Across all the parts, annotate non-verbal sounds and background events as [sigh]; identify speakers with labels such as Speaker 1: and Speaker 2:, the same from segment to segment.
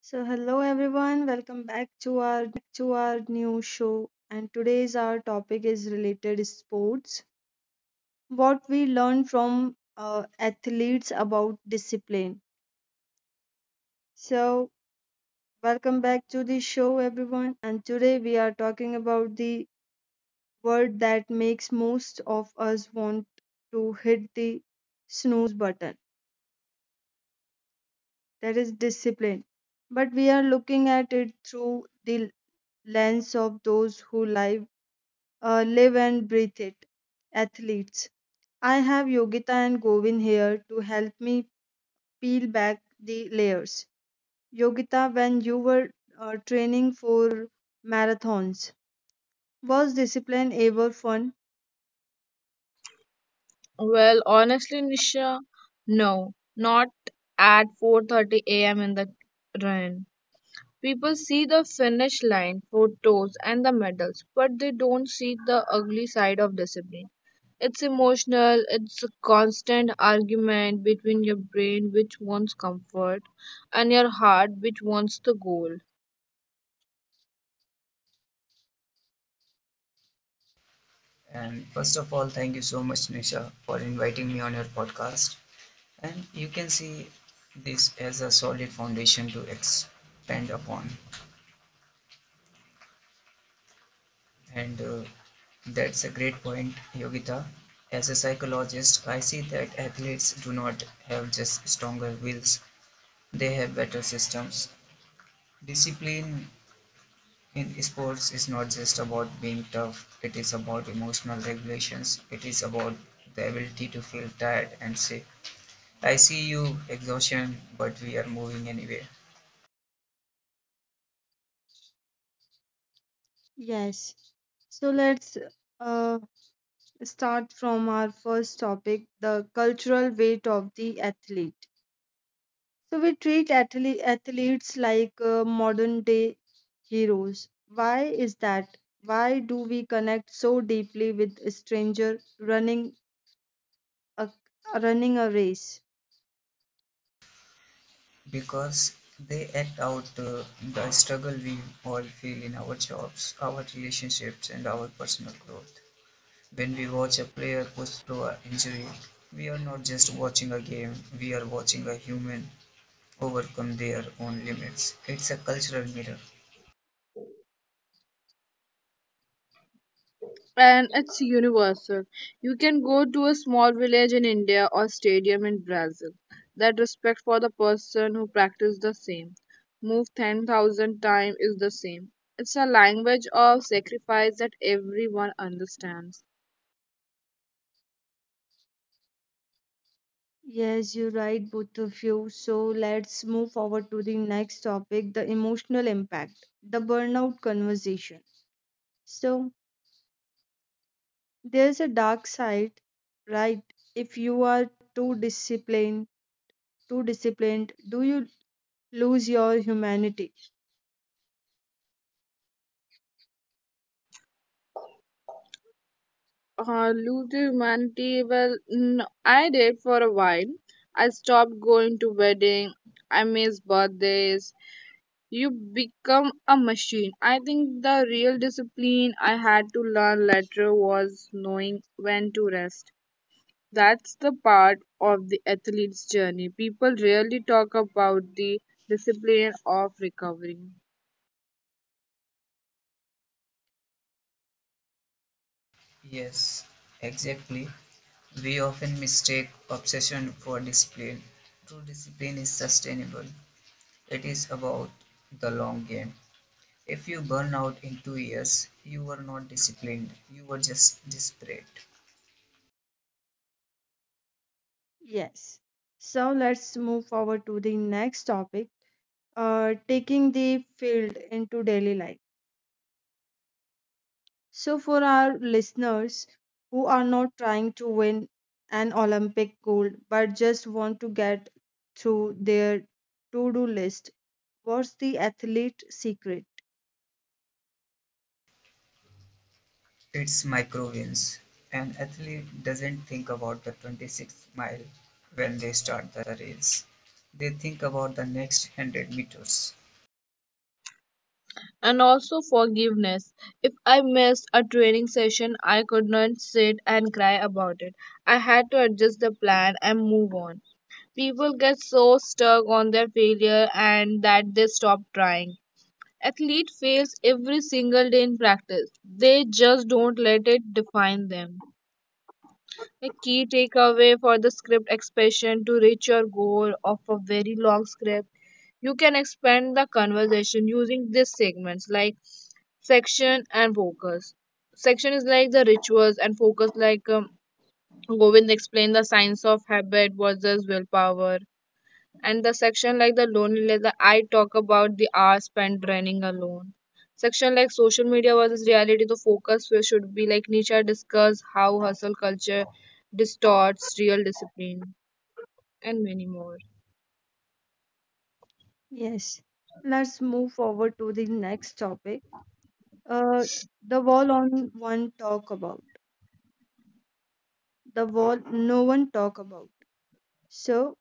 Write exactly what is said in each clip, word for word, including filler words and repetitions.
Speaker 1: So, hello everyone, welcome back to our new show. And today's our topic is related to sports: what we learn from uh, athletes about discipline. So, welcome back to the show, everyone. And today we are talking about the word that makes most of us want to hit the snooze button. That is discipline. But we are looking at it through the lens of those who live uh, live and breathe it: athletes. I have Yogita and Govin here to help me peel back the layers. Yogita, when you were uh, training for marathons, was discipline ever fun?
Speaker 2: Well, honestly, Nisha, no, not at four thirty a m in the rain. People see the finish line, photos, and the medals, but they don't see the ugly side of discipline. It's emotional, it's a constant argument between your brain, which wants comfort, and your heart, which wants the goal.
Speaker 3: And first of all, thank you so much, Nisha, for inviting me on your podcast. And you can see this as a solid foundation to expand upon. And uh, that's a great point, Yogita. As a psychologist, I see that athletes do not have just stronger wills, they have better systems. Discipline in sports is not just about being tough, it is about emotional regulations, it is about the ability to feel tired and safe. I see you exhaustion, but we are moving anyway
Speaker 1: Yes. So let's uh, start from our first topic, the cultural weight of the athlete. So we treat athle- athletes like uh, modern day heroes. Why is that? Why do we connect so deeply with a stranger running a running a race?
Speaker 3: because they act out uh, the struggle we all feel in our jobs, our relationships, and our personal growth. When we watch a player push through an injury, we are not just watching a game, we are watching a human overcome their own limits. It's a cultural mirror.
Speaker 2: And it's universal. You can go to a small village in India or stadium in Brazil. That respect for the person who practices the same move ten thousand times is the same. It's a language of sacrifice that everyone understands.
Speaker 1: Yes, you're right, both of you. So let's move forward to the next topic, the emotional impact, the burnout conversation. So there's a dark side, right? If you are too disciplined, too disciplined, do you lose your humanity?
Speaker 2: Uh, lose the humanity, well, n- I did for a while. I stopped going to wedding. I miss birthdays. You become a machine. I think the real discipline I had to learn later was knowing when to rest. That's the part of the athlete's journey. People rarely talk about the discipline of recovering.
Speaker 3: Yes, exactly. We often mistake obsession for discipline. True discipline is sustainable. It is about the long game. If you burn out in two years, you were not disciplined, you were just desperate.
Speaker 1: Yes. So let's move forward to the next topic, uh, taking the field into daily life. So, for our listeners who are not trying to win an Olympic gold but just want to get through their to do list, what's the athlete secret?
Speaker 3: It's micro wins. An athlete doesn't think about the twenty-sixth mile when they start the race, they think about the next one hundred meters.
Speaker 2: And also forgiveness. If I missed a training session, I could not sit and cry about it. I had to adjust the plan and move on. People get so stuck on their failure and that they stop trying. Athlete fails every single day in practice. They just don't let it define them. A key takeaway for the script expansion to reach your goal of a very long script, you can expand the conversation using these segments like section and focus. Section is like the rituals and focus like um, Govind explained the science of habit versus willpower, and the section like the loneliness, the I talk about the hours spent running alone. Section like social media versus reality, the focus where should be like Nisha discuss how hustle culture distorts real discipline and many more.
Speaker 1: Yes. Let's move forward to the next topic. Uh, the wall on one talk about, the wall no one talk about. So,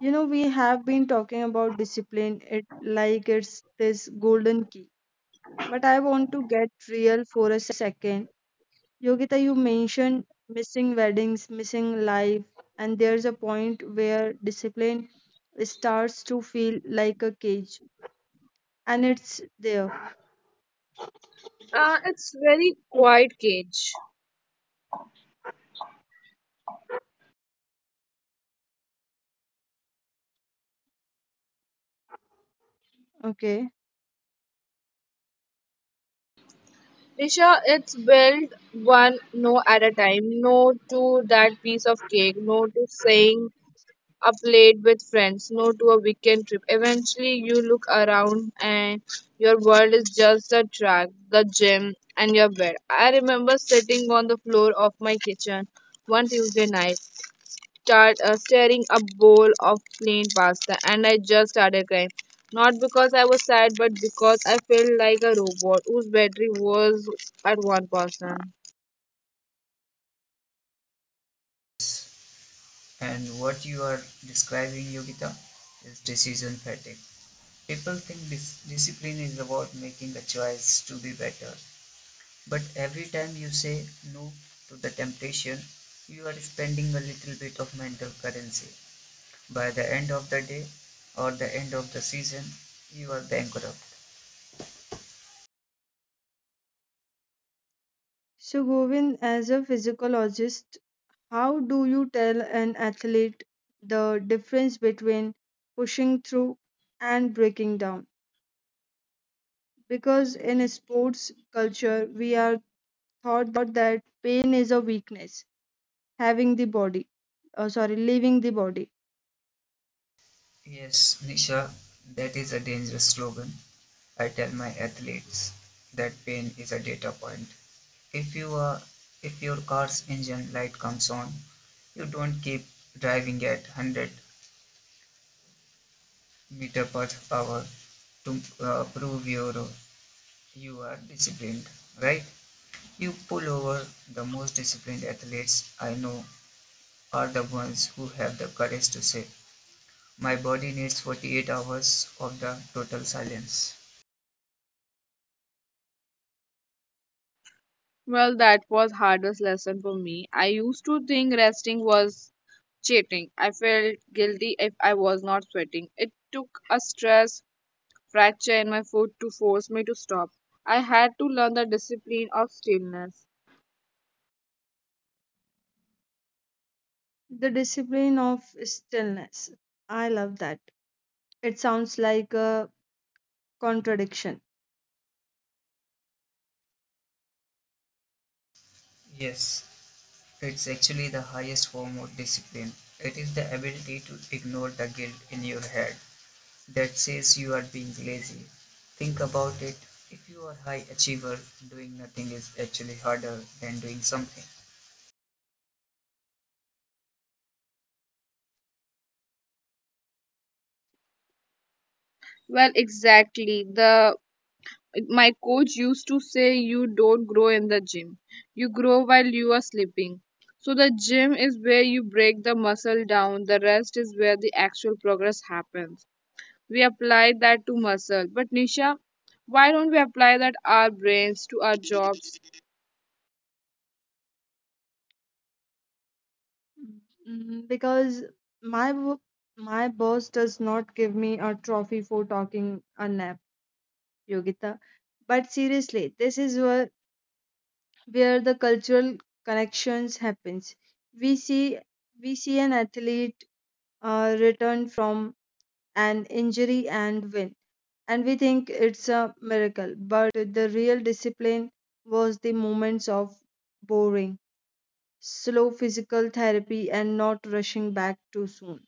Speaker 1: You know, we have been talking about discipline it like it's this golden key. But I want to get real for a second. Yogita, you mentioned missing weddings, missing life, and there's a point where discipline starts to feel like a cage. And it's there.
Speaker 2: Uh, it's very quiet cage.
Speaker 1: Okay.
Speaker 2: Nisha, it's build one no at a time. No to that piece of cake. No to saying up late with friends, no to a weekend trip. Eventually, you look around and your world is just the track, the gym, and your bed. I remember sitting on the floor of my kitchen one Tuesday night, start, uh, staring a bowl of plain pasta, and I just started crying. Not because I was sad, but because I felt like a robot whose battery was at one percent.
Speaker 3: And what you are describing, Yogita, is decision fatigue. People think dis- discipline is about making a choice to be better, but every time you say no to the temptation, you are spending a little bit of mental currency. By the end of the day or the end of the season, you are bankrupt.
Speaker 1: So Govind, as a physiologist, how do you tell an athlete the difference between pushing through and breaking down? Because in sports culture we are taught that pain is a weakness. Having the body, oh sorry, leaving the body,
Speaker 3: Yes, Nisha, that is a dangerous slogan. I tell my athletes that pain is a data point. If you are if your car's engine light comes on, you don't keep driving at one hundred meter per hour to uh, prove your you are disciplined, right? You pull over. The most disciplined athletes I know are the ones who have the courage to say, "My body needs forty-eight hours of the total silence."
Speaker 2: Well, that was hardest lesson for me. I used to think resting was cheating. I felt guilty if I was not sweating. It took a stress fracture in my foot to force me to stop. I had to learn the discipline of stillness.
Speaker 1: the discipline of stillness. I love that. It sounds like a contradiction.
Speaker 3: Yes, it's actually the highest form of discipline. It is the ability to ignore the guilt in your head that says you are being lazy. Think about it. If you are a high achiever, doing nothing is actually harder than doing something.
Speaker 2: Well, exactly. The my coach used to say you don't grow in the gym. You grow while you are sleeping. So the gym is where you break the muscle down. The rest is where the actual progress happens. We apply that to muscle. But Nisha, why don't we apply that our brains to our jobs?
Speaker 1: Mm, because my wo- my boss does not give me a trophy for talking a nap, Yogita. But seriously, this is where where the cultural connections happens. We see we see an athlete uh, return from an injury and win. And we think it's a miracle, but the real discipline was the moments of boring, slow physical therapy, and not rushing back too soon.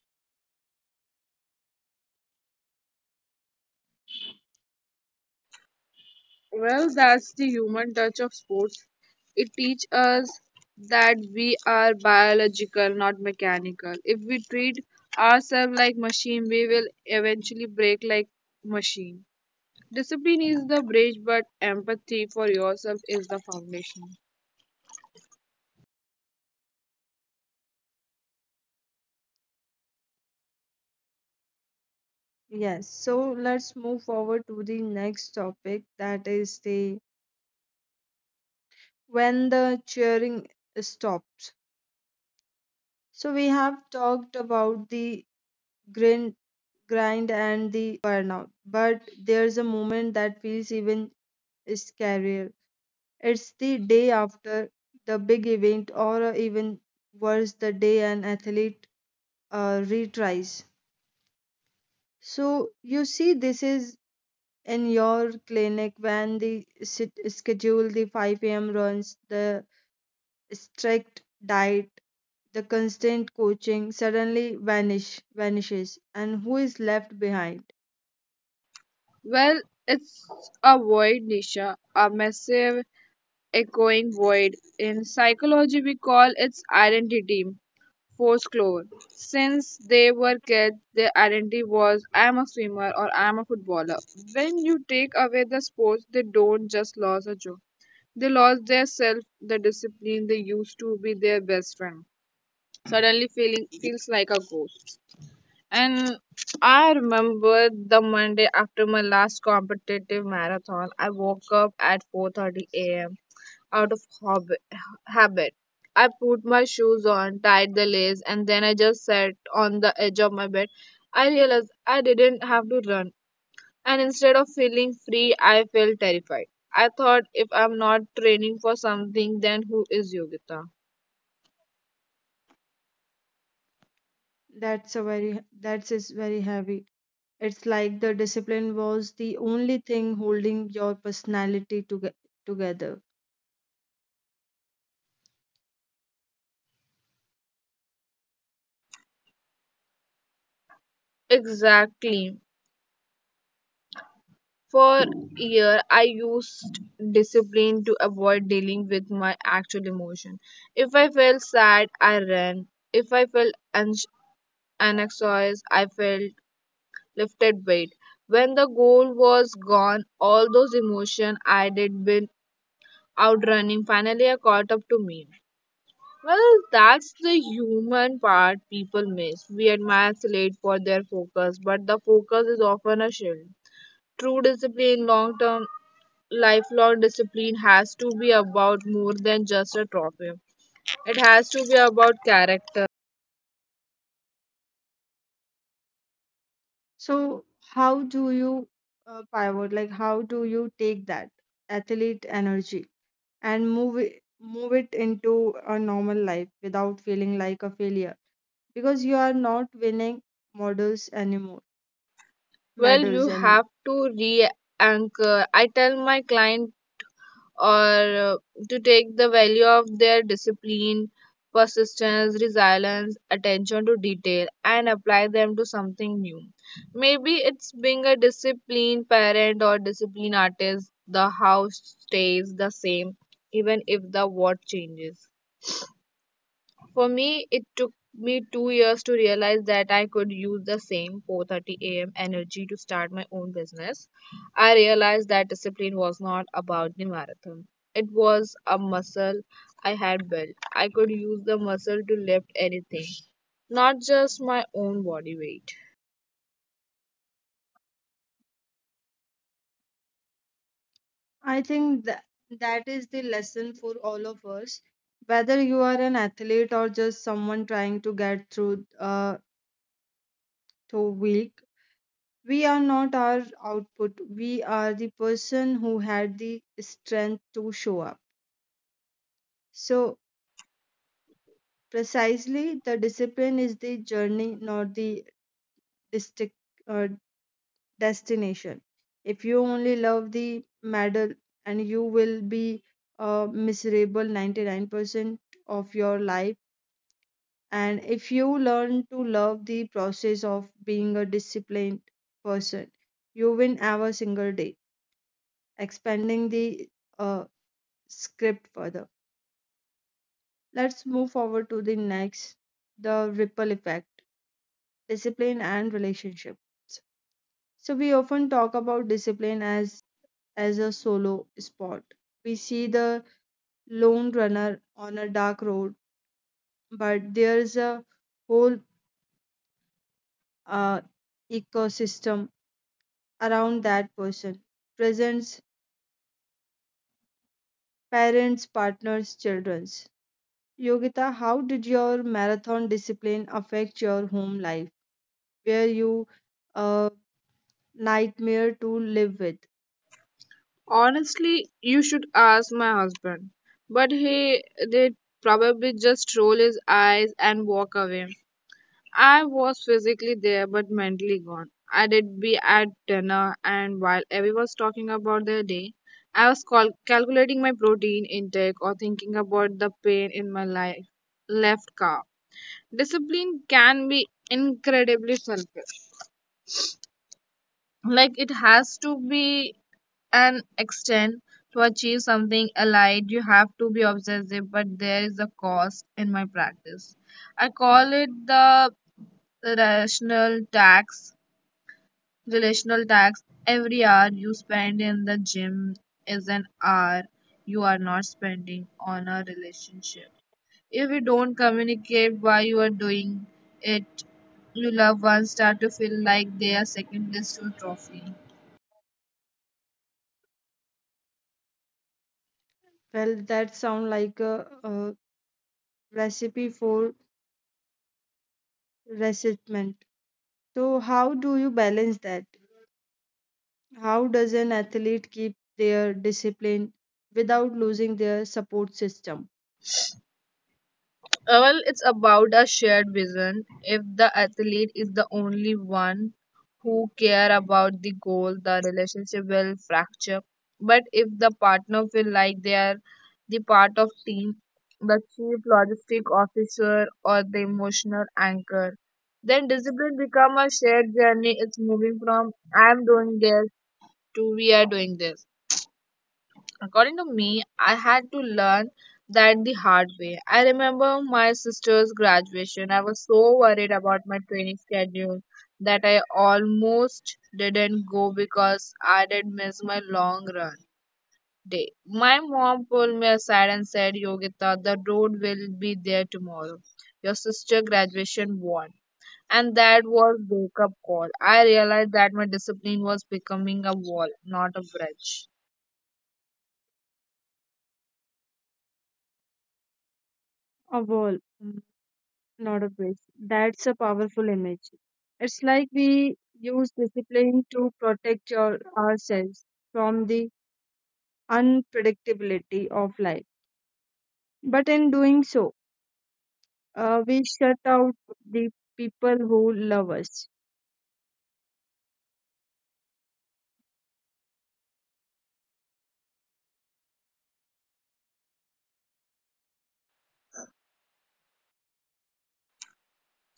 Speaker 2: Well, that's the human touch of sports. It teaches us that we are biological, not mechanical. If we treat ourselves like machine, we will eventually break like machine. Discipline is the bridge, but empathy for yourself is the foundation.
Speaker 1: Yes, so let's move forward to the next topic, that is, the when the cheering stops. So we have talked about the grind, grind and the burnout, but there's a moment that feels even its career. It's the day after the big event, or uh, even worse, the day an athlete uh, retries. So, you see, this is in your clinic when the sit- schedule, the five a m runs, the strict diet, the constant coaching suddenly vanish vanishes, and who is left behind?
Speaker 2: Well, it's a void, Nisha, a massive echoing void. In psychology, we call its identity folklore. Since they were kids, their identity was I am a swimmer or I am a footballer. When you take away the sports, they don't just lose a job. They lost their self, the discipline they used to be their best friend. Suddenly feeling feels like a ghost. And I remember the Monday after my last competitive marathon. I woke up at four thirty a m out of hob- habit. I put my shoes on, tied the lace, and then I just sat on the edge of my bed. I realized I didn't have to run, and instead of feeling free, I felt terrified. I thought if I'm not training for something, then who is Yogita?
Speaker 1: That's a very, that's is very heavy. It's like the discipline was the only thing holding your personality toge- together.
Speaker 2: Exactly. For a year, I used discipline to avoid dealing with my actual emotion. If I felt sad, I ran. If I felt anx- anxious, I felt lifted weight. When the goal was gone, all those emotions I did been outrunning finally I caught up to me. Well, that's the human part people miss. We admire athletes for their focus, but the focus is often a shield. True discipline, long term, lifelong discipline has to be about more than just a trophy. It has to be about character.
Speaker 1: So, how do you uh, pivot? Like, how do you take that athlete energy and move it, move it into a normal life without feeling like a failure? Because you are not winning models anymore,
Speaker 2: Well, you
Speaker 1: medals anymore.
Speaker 2: have to re anchor. I tell my client or uh, to take the value of their discipline, persistence, resilience, attention to detail, and apply them to something new. Maybe it's being a disciplined parent or disciplined artist, the house stays the same even if the what changes. For me, it took me two years to realize that I could use the same four thirty a m energy to start my own business. I realized that discipline was not about the marathon. It was a muscle I had built. I could use the muscle to lift anything, not just my own body weight.
Speaker 1: I think that that is the lesson for all of us, whether you are an athlete or just someone trying to get through a so weak. We are not our output, we are the person who had the strength to show up. So, precisely, the discipline is the journey, not the distic- uh, destination. If you only love the medal, and you will be a miserable ninety-nine percent of your life. And if you learn to love the process of being a disciplined person, you win every single day. Expanding the uh, script further. Let's move forward to the next, the ripple effect, discipline and relationships. So we often talk about discipline as as a solo sport. We see the lone runner on a dark road, but there's a whole uh, ecosystem around that person. Presents, parents, partners, children. Yogita, how did your marathon discipline affect your home life? Were you a nightmare to live with?
Speaker 2: Honestly, you should ask my husband, but he did probably just roll his eyes and walk away. I was physically there but mentally gone. I did be at dinner, and while everyone was talking about their day, I was cal- calculating my protein intake or thinking about the pain in my life left calf. Discipline can be incredibly selfish. Like it has to be an extent to achieve something allied. You have to be obsessive, but there is a cost in my practice. I call it the rational tax relational tax. Every hour you spend in the gym is an hour you are not spending on a relationship. If you don't communicate why you are doing it, you love one start to feel like they are second best to a trophy.
Speaker 1: Well, that sounds like a, a recipe for resentment. So, how do you balance that? How does an athlete keep their discipline without losing their support system?
Speaker 2: Uh, well, it's about a shared vision. If the athlete is the only one who care about the goal, the relationship will fracture. But if the partner feel like they are the part of team, the chief logistic officer or the emotional anchor, then discipline become a shared journey. It's moving from I'm doing this to we are doing this. According to me, I had to learn that the hard way. I remember my sister's graduation. I was so worried about my training schedule that I almost didn't go because I did miss my long run day. My mom pulled me aside and said, Yogita, the road will be there tomorrow. Your sister graduation won. And that was wake up call. I realized that my discipline was becoming a wall, not a bridge.
Speaker 1: A wall, mm, not a bridge. That's a powerful image. It's like we use discipline to protect your, ourselves from the unpredictability of life. But in doing so, uh, we shut out the people who love us.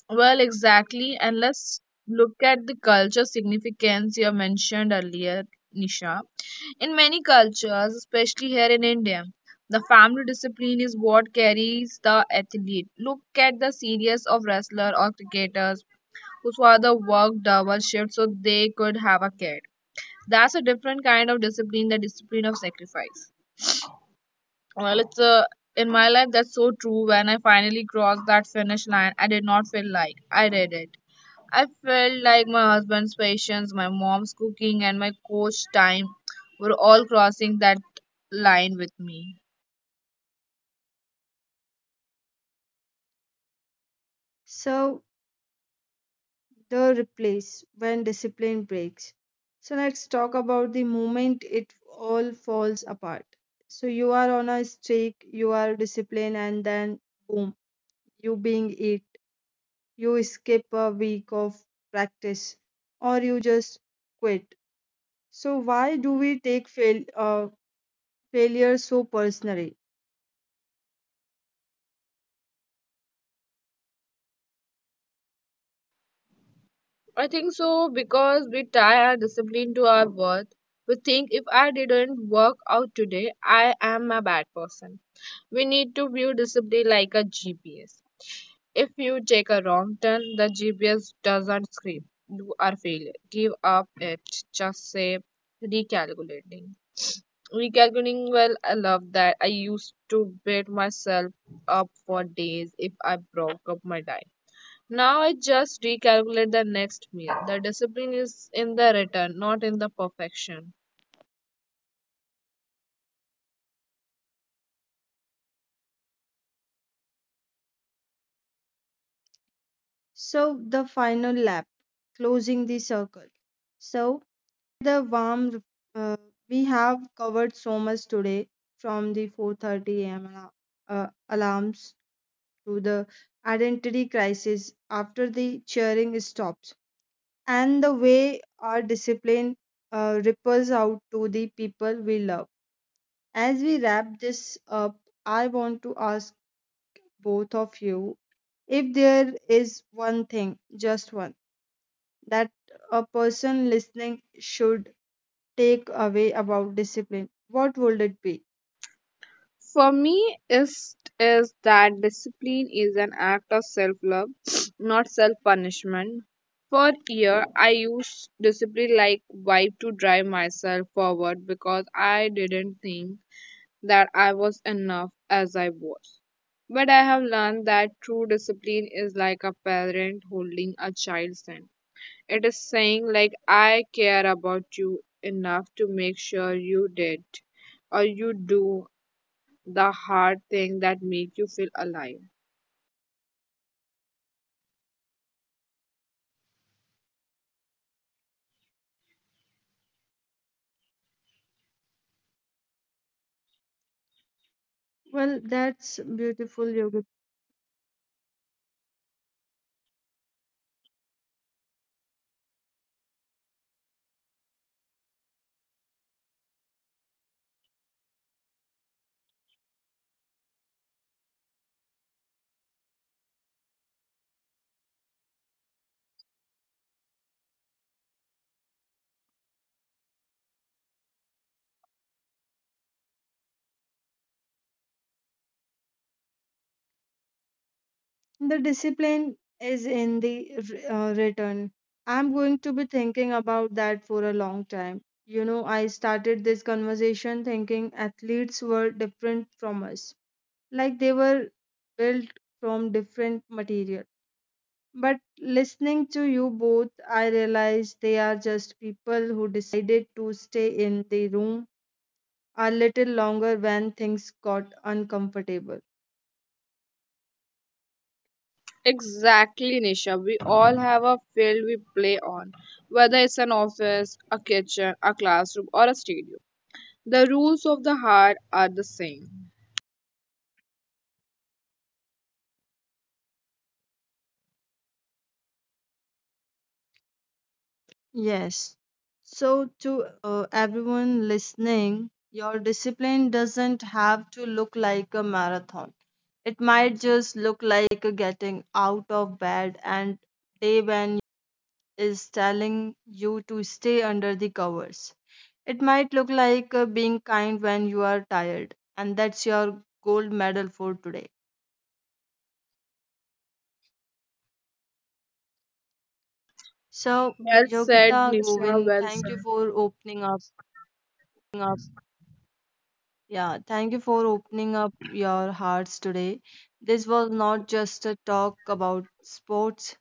Speaker 2: Well, exactly. And let's look at the culture significance you mentioned earlier, Nisha. In many cultures, especially here in India, the family discipline is what carries the athlete. Look at the series of wrestlers or cricketers whose father worked double shifts so they could have a kid. That's a different kind of discipline, the discipline of sacrifice. Well, it's uh, in my life that's so true. When I finally crossed that finish line, I did not feel like I did it. I felt like my husband's patience, my mom's cooking, and my coach time were all crossing that line with me.
Speaker 1: So, the replace when discipline breaks. So, let's talk about the moment it all falls apart. So, you are on a streak, you are disciplined, and then boom, you being it. You skip a week of practice or you just quit. So, why do we take fail, uh, failure so personally?
Speaker 2: I think so because we tie our discipline to our worth. We think if I didn't work out today, I am a bad person. We need to view discipline like a G P S. If you take a wrong turn, the G P S doesn't scream, You are failure. Give up it. Just say recalculating. Recalculating, well, I love that. I used to beat myself up for days if I broke up my diet. Now I just recalculate the next meal. The discipline is in the return, not in the perfection.
Speaker 1: So the final lap, closing the circle. So with a warm, uh, we have covered so much today, from the four thirty a m ala- uh, alarms to the identity crisis after the cheering stops, and the way our discipline uh, ripples out to the people we love. As we wrap this up, I want to ask both of you: if there is one thing, just one, that a person listening should take away about discipline, what would it be?
Speaker 2: For me, is is that discipline is an act of self-love, [sniffs] not self-punishment. For year, I used discipline like vibe to drive myself forward because I didn't think that I was enough as I was. But I have learned that true discipline is like a parent holding a child's hand. It is saying like I care about you enough to make sure you did or you do the hard thing that make you feel alive.
Speaker 1: Well, that's beautiful, Yogi. The discipline is in the uh, return. I'm going to be thinking about that for a long time. You know, I started this conversation thinking athletes were different from us, like they were built from different material. But listening to you both, I realized they are just people who decided to stay in the room a little longer when things got uncomfortable.
Speaker 2: Exactly, Nisha. We all have a field we play on, whether it's an office, a kitchen, a classroom, or a stadium. The rules of the heart are the same.
Speaker 1: Yes. So, to uh, everyone listening, your discipline doesn't have to look like a marathon. It might just look like a getting out of bed and day when your mind is telling you to stay under the covers. It might look like uh, being kind when you are tired, and that's your gold medal for today. So,
Speaker 2: Well said,
Speaker 1: Yogita,
Speaker 2: Nisha.
Speaker 1: Govind,
Speaker 2: Well
Speaker 1: thank you
Speaker 2: said.
Speaker 1: for opening up. Yeah, thank you for opening up your hearts today. This was not just a talk about sports,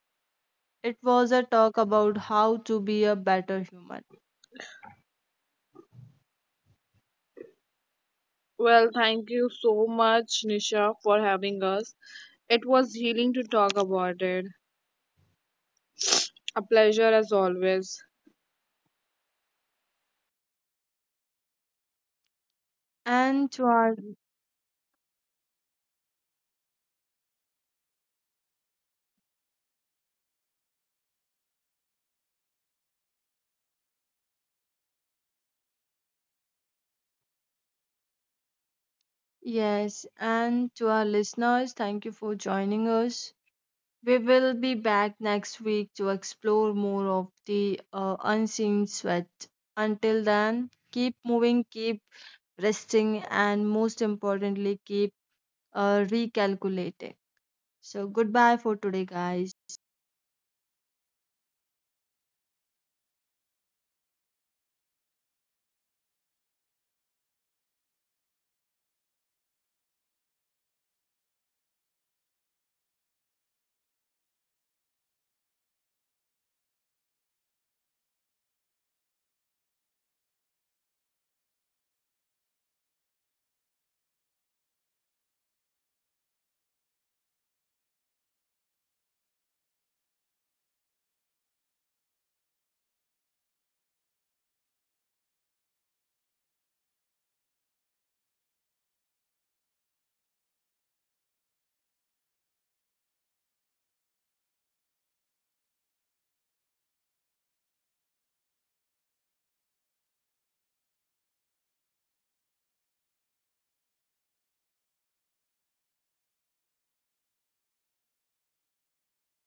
Speaker 1: it was a talk about how to be a better human.
Speaker 2: Well, thank you so much, Nisha, for having us. It was healing to talk about it. A pleasure as always.
Speaker 1: And to our Yes, and to our listeners, thank you for joining us. We will be back next week to explore more of the uh, unseen sweat. Until then, keep moving, keep resting, and most importantly, keep uh, recalculating. So, goodbye for today, guys.